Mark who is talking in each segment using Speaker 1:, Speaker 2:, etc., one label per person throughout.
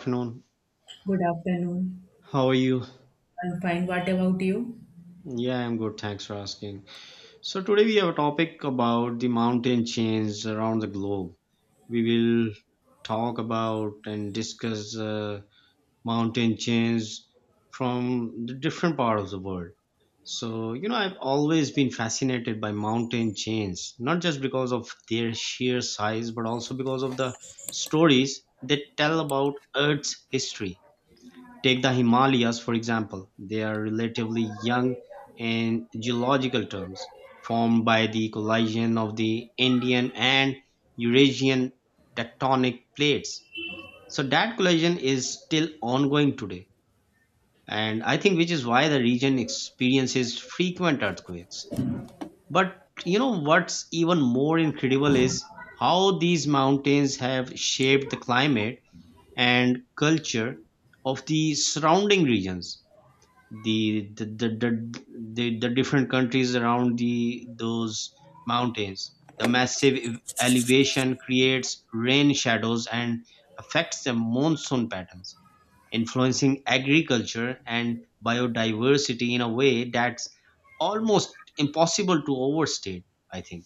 Speaker 1: Afternoon.
Speaker 2: Good afternoon.
Speaker 1: How are you?
Speaker 2: I'm fine. What about you?
Speaker 1: Yeah, I'm good. Thanks for asking. So, today we have a topic about the mountain chains around the globe. We will talk about and discuss mountain chains from the different part of the world. So, you know, I've always been fascinated by mountain chains, not just because of their sheer size, but also because of the stories they tell about Earth's history. Take the Himalayas, for example, they are relatively young in geological terms, formed by the collision of the Indian and Eurasian tectonic plates. So that collision is still ongoing today, and I think which is why the region experiences frequent earthquakes. But you know what's even more incredible is how these mountains have shaped the climate and culture of the surrounding regions, the the, the, the, the different countries around the those mountains. The massive elevation creates rain shadows and affects the monsoon patterns, influencing agriculture and biodiversity in a way that's almost impossible to overstate, I think.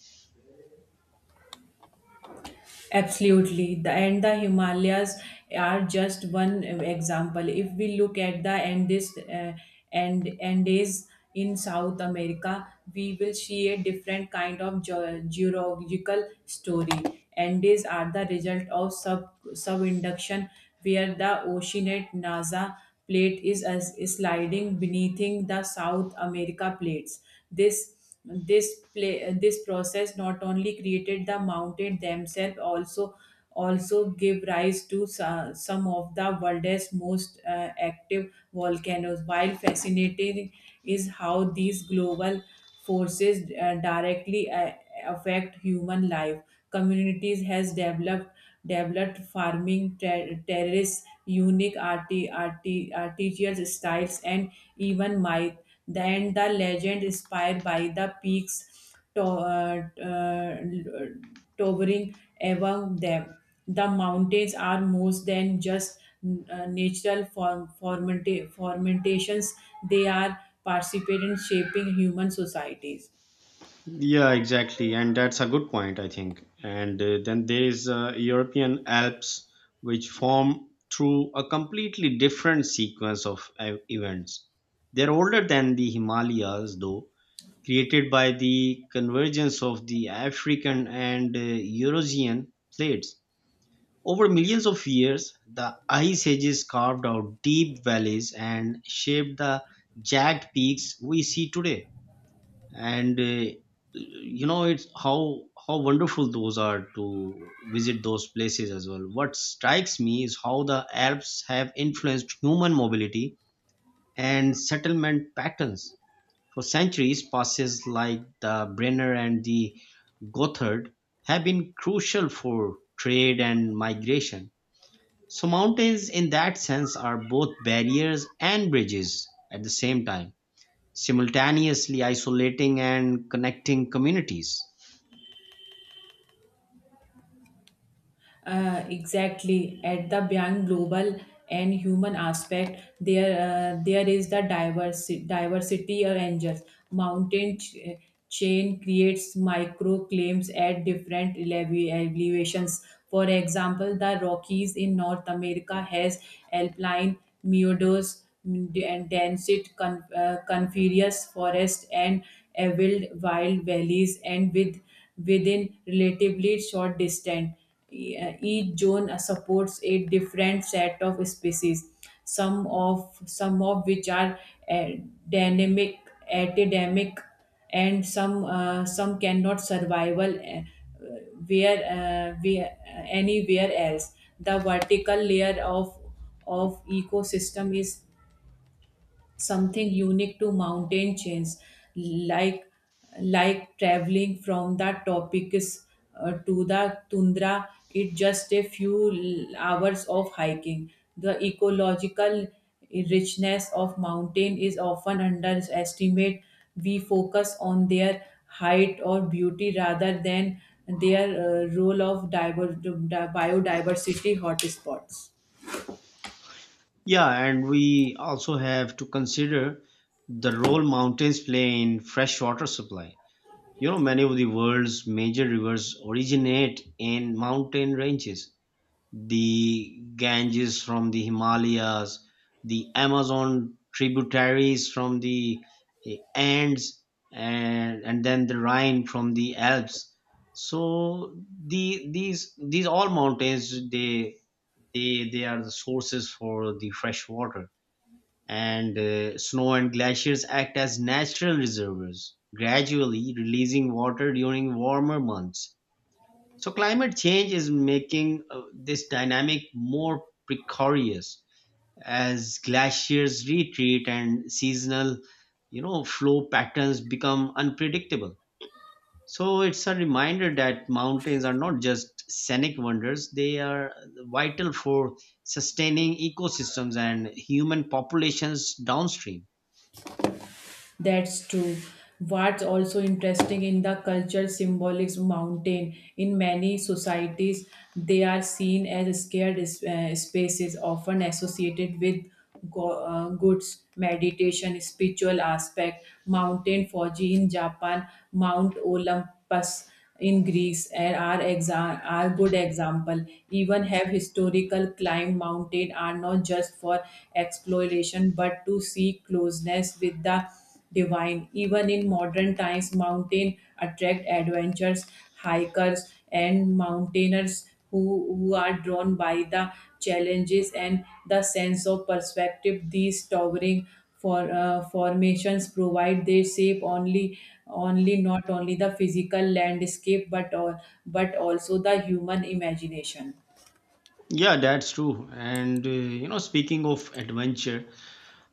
Speaker 2: Absolutely. The Himalayas are just one example. If we look at the Andes Andes in South America, we will see a different kind of geological story. Andes are the result of sub subinduction, where the oceanate NASA plate is sliding beneath the South America plates. This this process not only created the mountain themselves, also give rise to some of the world's most active volcanoes, while fascinating is how these global forces directly affect human life. Communities has developed farming terrace, unique artisanal styles, and even myth. Then the legend inspired by the peaks uh, towering above them. The mountains are more than just natural fermentations, they are participating in shaping human societies.
Speaker 1: Yeah, exactly. And that's a good point, I think. And then there is European Alps, which form through a completely different sequence of events. They're older than the Himalayas, though, created by the convergence of the African and Eurasian plates. Over millions of years, the ice ages carved out deep valleys and shaped the jagged peaks we see today. And you know, it's how wonderful those are to visit, those places as well. What strikes me is how the Alps have influenced human mobility and settlement patterns for centuries. Passes like the Brenner and the Gothard have been crucial for trade and migration. So mountains, in that sense, are both barriers and bridges at the same time, simultaneously isolating and connecting communities.
Speaker 2: Exactly. At the beyond global and human aspect, there is the diversity or angels. Mountain chain creates micro claims at different elevations. For example, the Rockies in North America has alpine meadows and densite coniferous forest and arid wild valleys, and within relatively short distance. Each zone supports a different set of species, some of which are uh, dynamic, epidemic, and some cannot survival where anywhere else. The vertical layer of ecosystem is something unique to mountain chains, like like traveling from the topicus to the tundra, it just a few hours of hiking. The ecological richness of mountain is often underestimated. We focus on their height or beauty rather than their role of biodiversity hotspots.
Speaker 1: Yeah, and we also have to consider the role mountains play in freshwater supply. You know, many of the world's major rivers originate in mountain ranges, the Ganges from the Himalayas, the Amazon tributaries from the Andes, and then the Rhine from the Alps. So these all mountains, they are the sources for the fresh water. And snow and glaciers act as natural reservoirs, gradually releasing water during warmer months. So climate change is making this dynamic more precarious as glaciers retreat and seasonal, you know, flow patterns become unpredictable. So it's a reminder that mountains are not just scenic wonders; they are vital for sustaining ecosystems and human populations downstream.
Speaker 2: That's true. What's also interesting in the culture symbolics mountain in many societies, they are seen as scared spaces often associated with goods meditation spiritual aspect. Mountain Fuji in Japan, Mount Olympus in Greece and are good example. Even have historical climb, mountain are not just for exploration but to seek closeness with the divine. Even in modern times, mountain attract adventurers, hikers, and mountaineers who are drawn by the challenges and the sense of perspective these towering formations provide. They shape only only not only the physical landscape but also the human imagination.
Speaker 1: Yeah, that's true. And you know, speaking of adventure,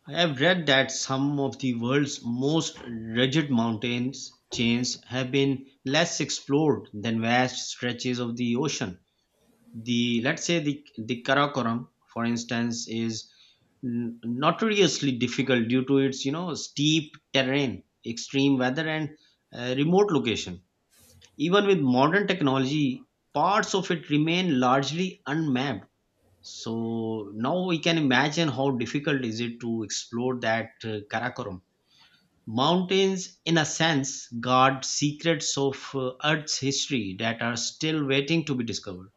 Speaker 1: I have read that some of the world's most rugged mountains chains have been less explored than vast stretches of the ocean. The Let's say the Karakoram, for instance, is notoriously difficult due to its, you know, steep terrain, extreme weather, and remote location. Even with modern technology, parts of it remain largely unmapped, so now we can imagine how difficult is it to explore that Karakoram. Mountains, in a sense, guard secrets of Earth's history that are still waiting to be discovered.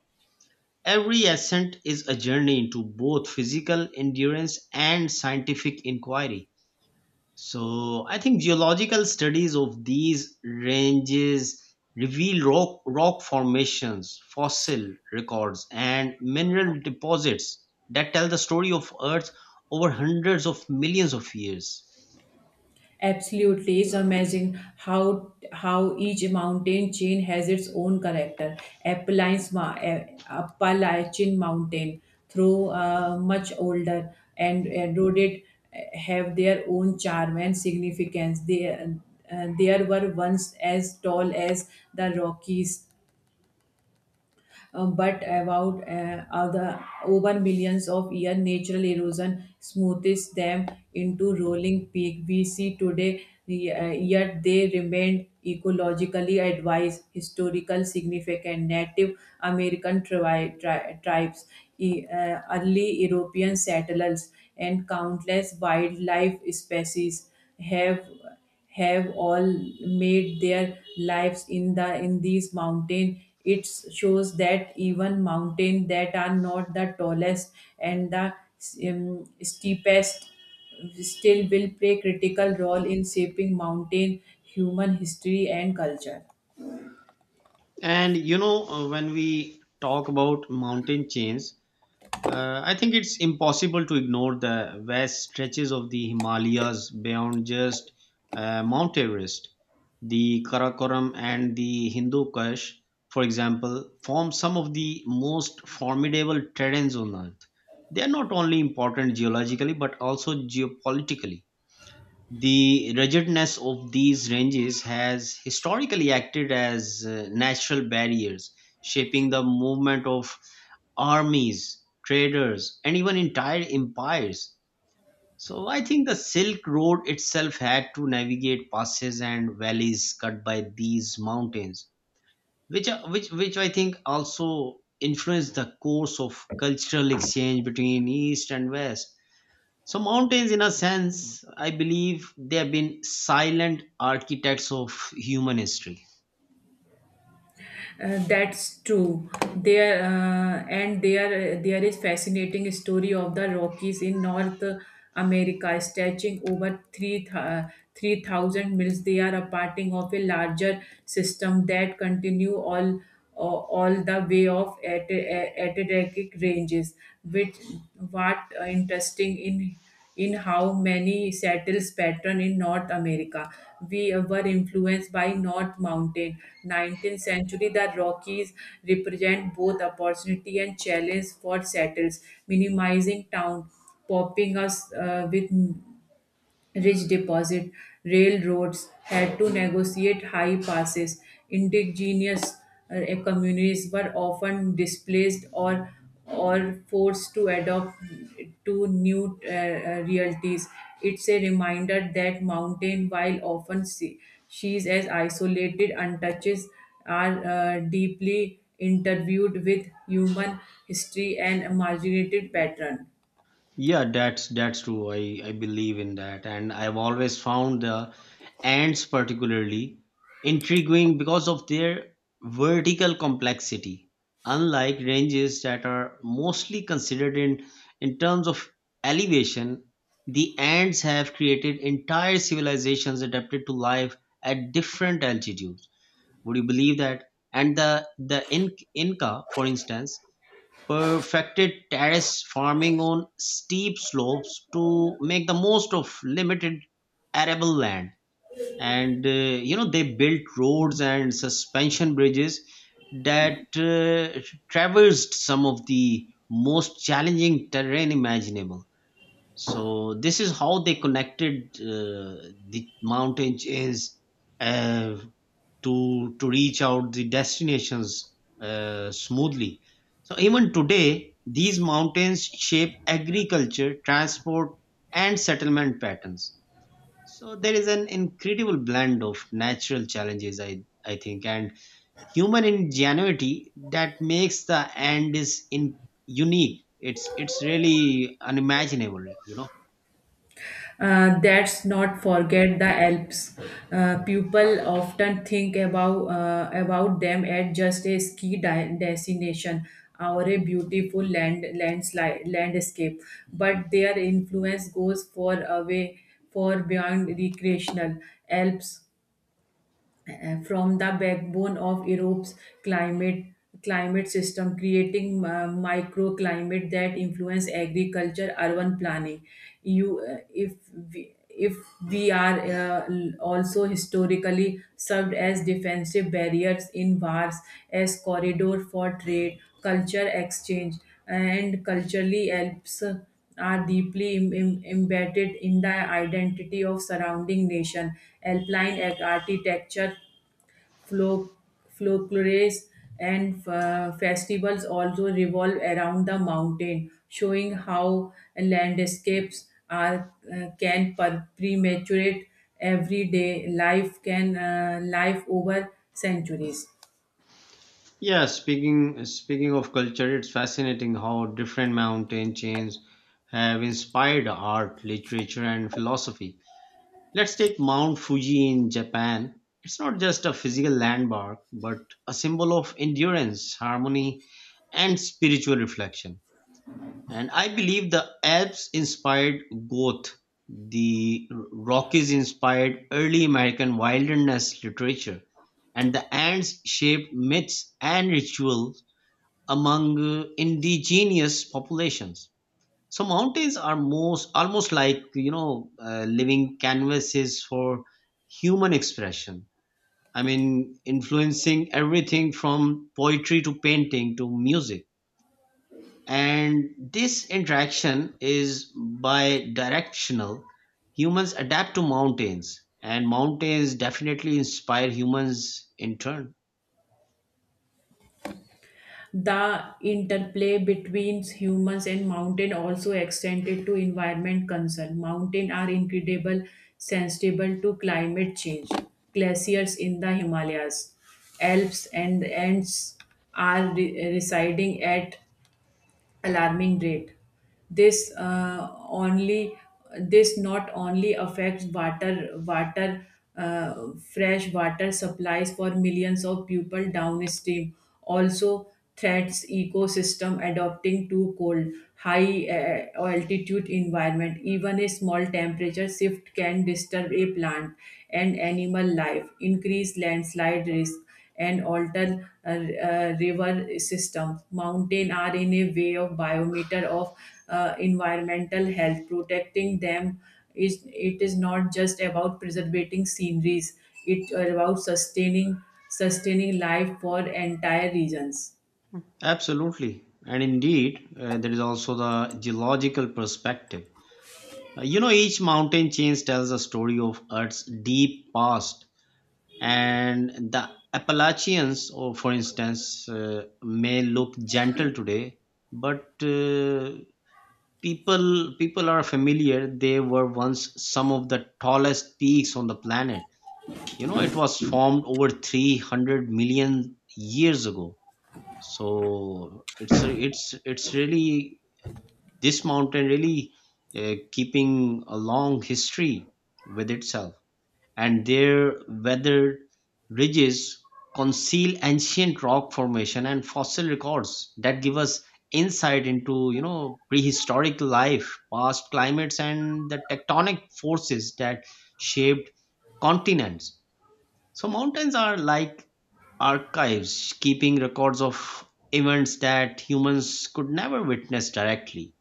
Speaker 1: Every ascent is a journey into both physical endurance and scientific inquiry. So I think geological studies of these ranges reveal rock formations, fossil records, and mineral deposits that tell the story of Earth over hundreds of millions of years.
Speaker 2: Absolutely, it's amazing how each mountain chain has its own character. Appalachian Mountain, through much older and eroded, have their own charm and significance. They, there were once as tall as the Rockies, but about other over millions of years, natural erosion smoothes them into rolling peak we see today. Yet they remained ecologically advised, historical significant Native American tribes, early European settlers, and countless wildlife species have have all made their lives in these mountain. It shows that even mountain that are not the tallest and the steepest still will play critical role in shaping mountain human history and culture.
Speaker 1: And you know, when we talk about mountain chains, I think it's impossible to ignore the vast stretches of the Himalayas beyond just Mount Everest. The Karakoram and the Hindu Kush, for example, form some of the most formidable terrains on Earth. They are not only important geologically but also geopolitically. The ruggedness of these ranges has historically acted as natural barriers, shaping the movement of armies, traders, and even entire empires. So I think the Silk Road itself had to navigate passes and valleys cut by these mountains, which are- which I think also influenced the course of cultural exchange between East and West. So mountains, in a sense, I believe they have been silent architects of human history.
Speaker 2: That's true. There and there is fascinating story of the Rockies in North America, stretching over three 3,000 miles. They are a parting of a larger system that continue all the way of at Atlantic ranges. Which what interesting in how many settles pattern in North America. We were influenced by North Mountain. 19th century, the Rockies represent both opportunity and challenge for settles, minimizing town, popping us with rich deposit. Railroads had to negotiate high passes. Indigenous communities were often displaced or forced to adopt to new realities. It's a reminder that mountain, while often see, she's as isolated, untouches, are deeply interviewed with human history and marginated pattern.
Speaker 1: Yeah, that's true. I believe in that. And I've always found the Ants particularly intriguing because of their vertical complexity, unlike ranges that are mostly considered in terms of elevation. The Ants have created entire civilizations adapted to life at different altitudes. Would you believe that? And the Inca, for instance, perfected terrace farming on steep slopes to make the most of limited arable land. And you know, they built roads and suspension bridges that traversed some of the most challenging terrain imaginable. So this is how they connected the mountain chains uh, to reach out the destinations smoothly. So even today, these mountains shape agriculture, transport, and settlement patterns. So there is an incredible blend of natural challenges, I think, and human ingenuity that makes the end is in unique. It's really unimaginable, you know.
Speaker 2: That's not forget the Alps. People often think about them as just a ski destination or a beautiful landslide landscape, but their influence goes far away, far beyond recreational. Alps from the backbone of Europe's climate climate system, creating microclimate that influence agriculture, urban planning. You, if we are also historically served as defensive barriers in wars, as corridor for trade, culture exchange, and culturally helps are deeply embedded in the identity of surrounding nation. Alpine architecture, flo- folklore, and festivals also revolve around the mountain, showing how landscapes are can prematurate everyday life can life over centuries.
Speaker 1: Yeah, speaking of culture, it's fascinating how different mountain chains have inspired art, literature, and philosophy. Let's take Mount Fuji in Japan. It's not just a physical landmark, but a symbol of endurance, harmony, and spiritual reflection. And I believe the Rockies inspired early American wilderness literature and the Ants shaped myths and rituals among indigenous populations. So mountains are most almost like, you know, living canvases for human expression. I mean, influencing everything from poetry to painting to music. And this interaction is bi directional. Humans adapt to mountains, and mountains definitely inspire humans in turn.
Speaker 2: The interplay between humans and mountain also extended to environment concern. Mountains are incredible sensitive to climate change. Glaciers in the Himalayas, Alps and Ants are residing at alarming rate. This uh, only this not only affects water water fresh water supplies for millions of people downstream, also threats ecosystem adopting to cold, high altitude environment. Even a small temperature shift can disturb a plant and animal life, increase landslide risk and alter river systems. Mountains are in a way of biometer of environmental health. Protecting them is not just about preserving sceneries; it's about sustaining life for entire regions.
Speaker 1: Absolutely. And indeed, there is also the geological perspective. You know, each mountain chain tells a story of Earth's deep past. And the Appalachians, or for instance, may look gentle today, but people are familiar. They were once some of the tallest peaks on the planet. You know, it was formed over 300 million years ago. So it's it's really, this mountain really keeping a long history with itself. And their weathered ridges conceal ancient rock formation and fossil records that give us insight into, you know, prehistoric life, past climates, and the tectonic forces that shaped continents. So mountains are like archives, keeping records of events that humans could never witness directly.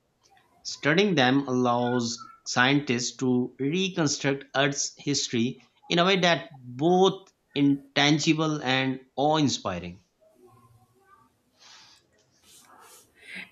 Speaker 1: Studying them allows scientists to reconstruct Earth's history in a way that both intangible and awe-inspiring.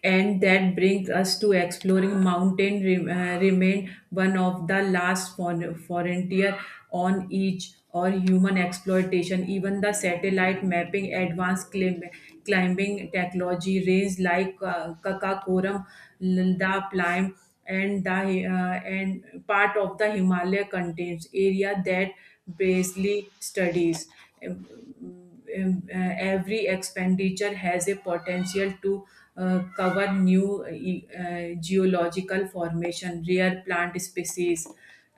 Speaker 2: And that brings us to exploring mountain remain one of the last frontier on each or human exploitation. Even the satellite mapping advanced climbing technology, range like kakakoram, the plime, and the and part of the himalaya contains area that Brasley studies. Um, um, uh, every expenditure has a potential to cover new geological formation, rare plant species,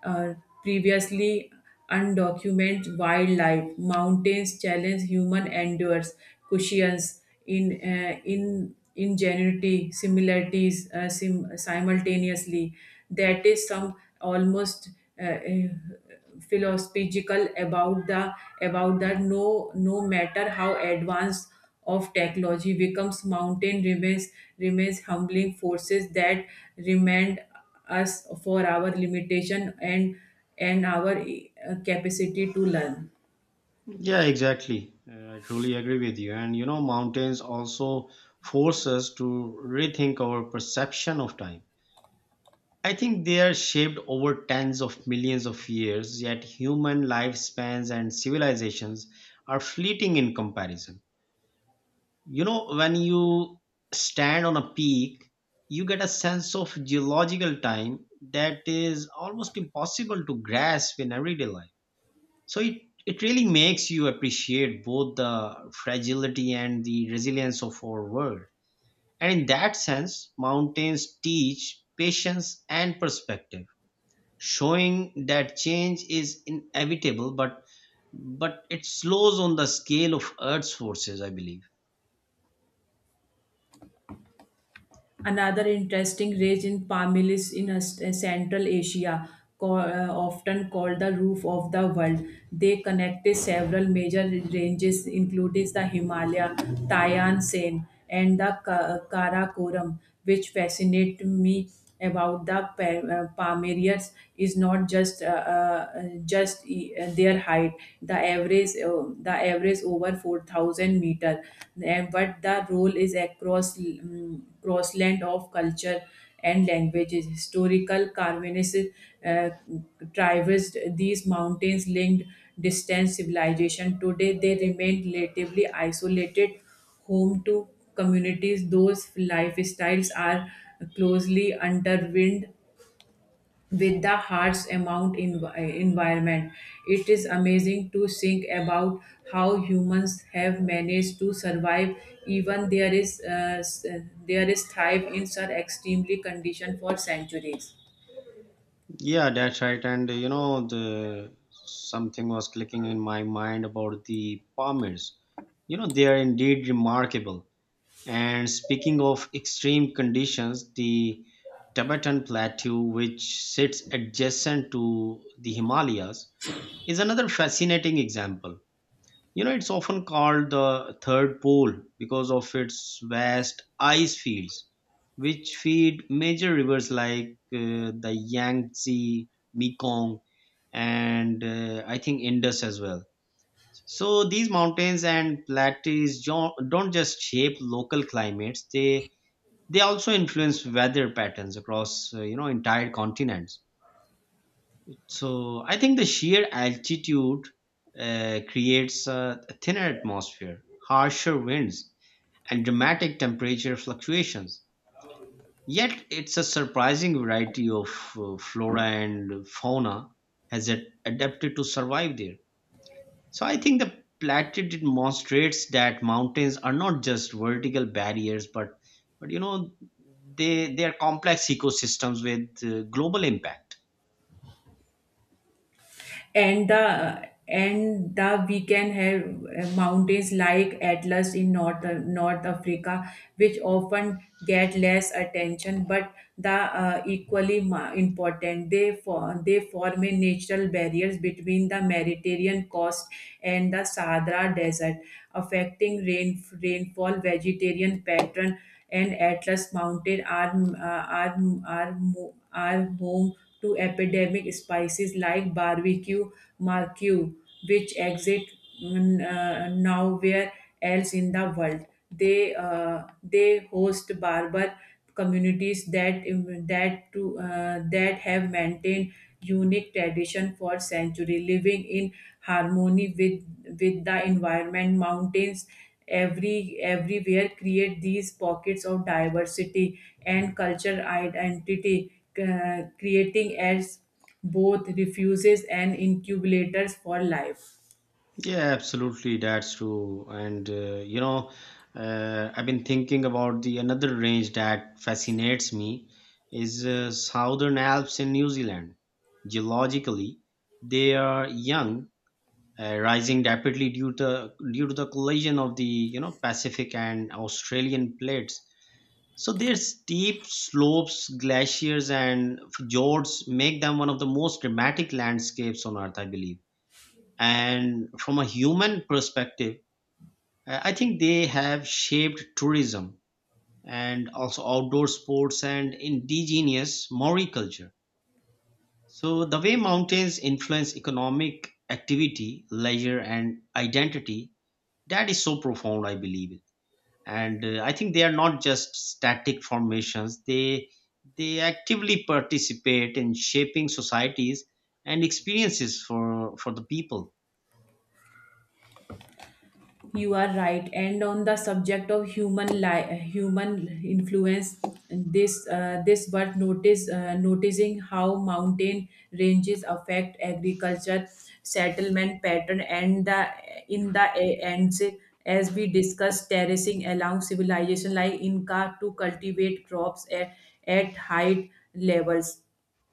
Speaker 2: uh, previously undocumented wildlife. Mountains challenge human endures, cushions in ingenuity, similarities simultaneously. That is some almost uh, uh, philosophical about the about that, no no matter how advanced of technology becomes, mountain remains humbling forces that remind us for our limitation and and our capacity to learn.
Speaker 1: Yeah, exactly. I truly agree with you. And you know, mountains also force us to rethink our perception of time. I think they are shaped over tens of millions of years, yet human lifespans and civilizations are fleeting in comparison. You know, when you stand on a peak, you get a sense of geological time that is almost impossible to grasp in everyday life. So it really makes you appreciate both the fragility and the resilience of our world. And in that sense, mountains teach patience and perspective, showing that change is inevitable, but it slows on the scale of Earth's forces, I believe.
Speaker 2: Another interesting range in Pamil is in Central Asia, often called the roof of the world. They connected several major ranges, including the Himalaya, Tayan Sen, and the Karakoram, which fascinate me about the Pomeranians is not just their height. The average over 4,000 meter, and but the role is across crossland of culture and languages. Historical Carvinist uh, traversed these mountains, linked distant civilization. Today they remain relatively isolated, home to communities those lifestyles are closely intertwined with the harsh amount in environment. It is amazing to think about how humans have managed to survive, even there is thrive in such extremely condition for centuries.
Speaker 1: Yeah, that's right. And you know, the something was clicking in my mind about the Palmers. You know, they are indeed remarkable. And speaking of extreme conditions, the Tibetan Plateau, which sits adjacent to the Himalayas, is another fascinating example. You know, it's often called the third pole because of its vast ice fields, which feed major rivers like the Yangtze, Mekong, and I think Indus as well. So these mountains and plateaus don't just shape local climates; they also influence weather patterns across, you know, entire continents. So I think the sheer altitude creates a thinner atmosphere, harsher winds, and dramatic temperature fluctuations. Yet it's a surprising variety of flora and fauna has adapted to survive there. So I think the plateau demonstrates that mountains are not just vertical barriers, but you know they are complex ecosystems with global impact.
Speaker 2: And the weekend have mountains like Atlas in North Africa, which often get less attention, but the equally important. They form a natural barriers between the Mediterranean coast and the Sahara Desert, affecting rainfall, vegetarian pattern, and Atlas Mountain are home to epidemic spices like barbecue marque, which exist nowhere else in the world. They host barber communities that have maintained unique tradition for century, living in harmony with the environment. Mountains everywhere create these pockets of diversity and cultural identity, creating as both refuges and incubators for life.
Speaker 1: Yeah, absolutely, that's true. And you know, I've been thinking about the another range that fascinates me is Southern Alps in New Zealand. Geologically, they are young, rising rapidly due to the collision of the, you know, Pacific and Australian plates. So their steep slopes, glaciers, and fjords make them one of the most dramatic landscapes on Earth, I believe. And from a human perspective, I think they have shaped tourism and also outdoor sports and indigenous Maori culture. So, the way mountains influence economic activity, leisure, and identity, that is so profound, I believe. It. And I think they are not just static formations, they actively participate in shaping societies and experiences for the people.
Speaker 2: You are right. And on the subject of human human influence, this worth notice noticing how mountain ranges affect agriculture, settlement pattern, and the in the a- ends, as we discussed, terracing along civilization like Inca to cultivate crops at height levels.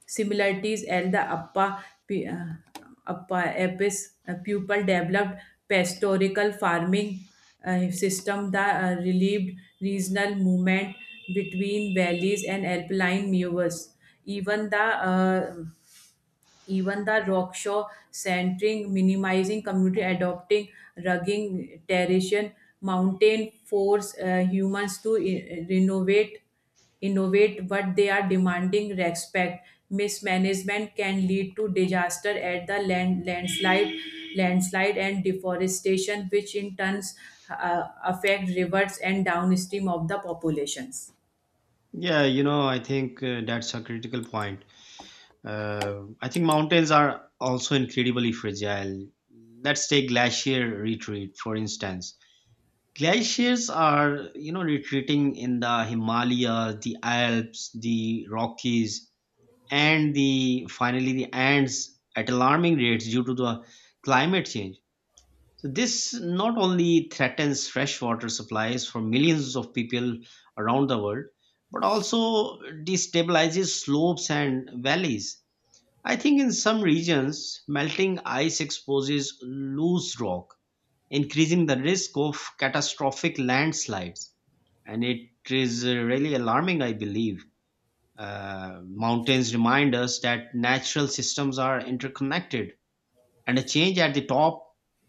Speaker 2: Similarities and the upper pupil developed pastoral farming system that relieved regional movement between valleys and alpine meadows. Even the uh, even the rockshaw centering, minimizing community, adopting rugging terrain, mountain force humans to renovate, innovate, but they are demanding respect. Mismanagement can lead to disaster at the landslide, landslide and deforestation, which in turns affect rivers and downstream of the populations.
Speaker 1: Yeah, you know, I think that's a critical point. I think mountains are also incredibly fragile. Let's take glacier retreat, for instance. Glaciers are, you know, retreating in the Himalayas, the Alps, the Rockies, and the finally the Andes at alarming rates due to the climate change. So this not only threatens freshwater supplies for millions of people around the world, but also destabilizes slopes and valleys. I think in some regions, melting ice exposes loose rock, increasing the risk of catastrophic landslides. And it is really alarming, I believe. Mountains remind us that natural systems are interconnected and a change at the top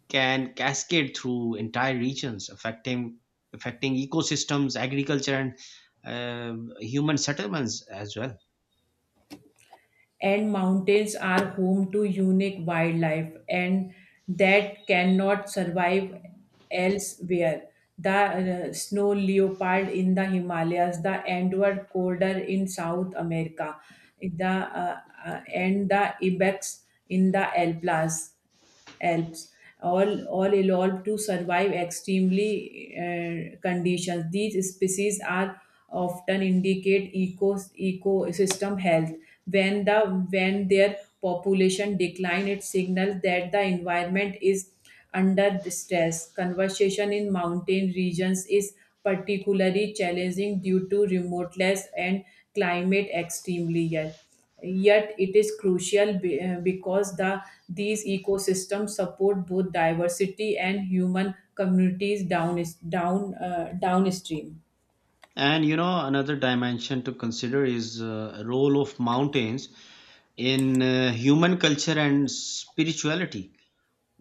Speaker 1: can cascade through entire regions, affecting ecosystems, agriculture, and human settlements as well.
Speaker 2: And mountains are home to unique wildlife and that cannot survive elsewhere. The snow leopard in the Himalayas, the Andean corridor in South America, the and the ibex in the Alplas. Alps, all evolved to survive extremely conditions. These species are often indicate ecosystem health. When, the, when their population decline, it signals that the environment is under stress. Conversation in mountain regions is particularly challenging due to remoteness and climate extremely ill, yet it is crucial because the these ecosystems support both diversity and human communities downstream.
Speaker 1: And you know, another dimension to consider is role of mountains in human culture and spirituality.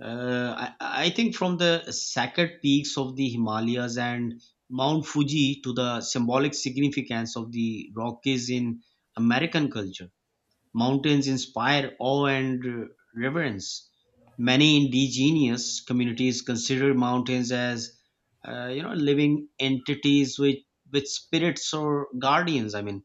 Speaker 1: uh, I, I think from the sacred peaks of the Himalayas and Mount Fuji to the symbolic significance of the Rockies in American culture, mountains inspire awe and reverence. Many indigenous communities consider mountains as, you know, living entities with spirits or guardians. I mean,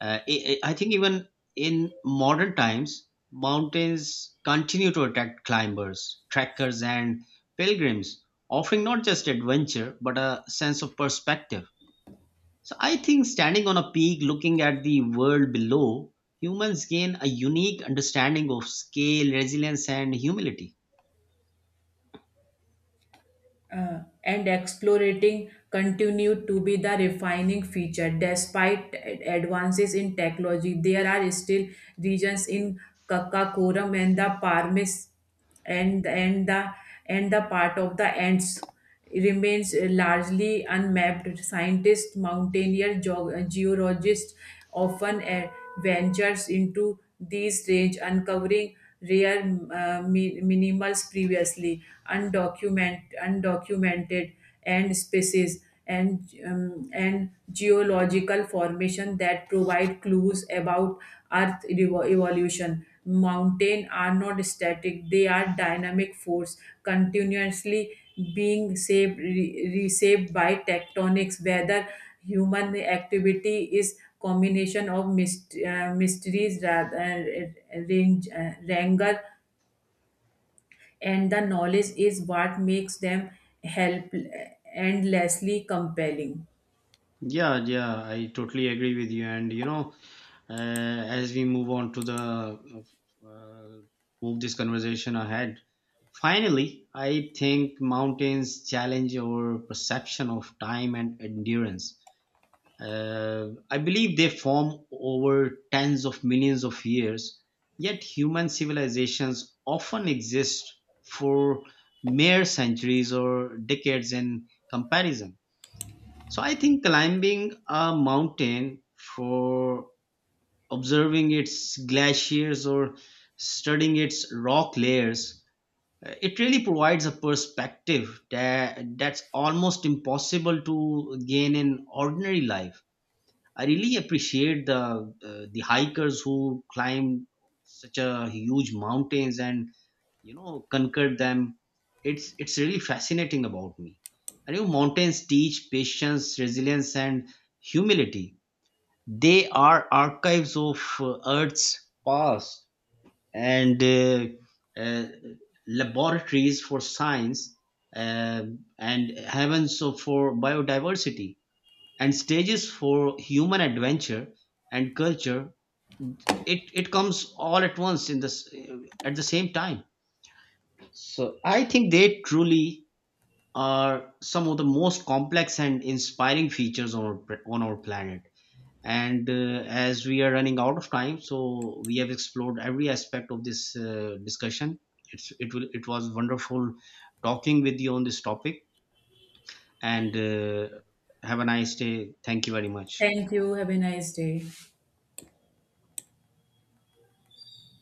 Speaker 1: I think even in modern times, mountains continue to attract climbers, trekkers, and pilgrims, offering not just adventure but a sense of perspective. So I think, standing on a peak looking at the world below, humans gain a unique understanding of scale, resilience, and humility.
Speaker 2: Uh, and explorating continue to be the refining feature. Despite advances in technology, there are still regions in kakakoram and the parmes and and the and the part of the ants remains largely unmapped. Scientists, mountaineer, geologists often ventures into these range, uncovering rare minimals previously undocumented and species and geological formation that provide clues about earth evolution. Mountain are not static, they are dynamic force continuously being shaped reshaped by tectonics whether human activity. Is combination of mysteries rather ranger and the knowledge is what makes them help endlessly compelling.
Speaker 1: Yeah, yeah, I totally agree with you. And you know, as we move on to the uh, move this conversation ahead, finally, I think mountains challenge our perception of time and endurance. I believe they form over tens of millions of years, yet human civilizations often exist for mere centuries or decades in comparison. So I think climbing a mountain for observing its glaciers or studying its rock layers, it really provides a perspective that's almost impossible to gain in ordinary life. I really appreciate the hikers who climb such a huge mountains and, you know, conquered them. It's really fascinating about me. I know mountains teach patience, resilience, and humility. They are archives of Earth's past and uh, laboratories for science uh, and heavens for biodiversity and stages for human adventure and culture. It comes all at once in this at the same time. So I think they truly are some of the most complex and inspiring features on on our planet. And as we are running out of time, so we have explored every aspect of this discussion. It's it will it was wonderful talking with you on this topic. And have a nice day. Thank you very much.
Speaker 2: Thank you. Have a nice day.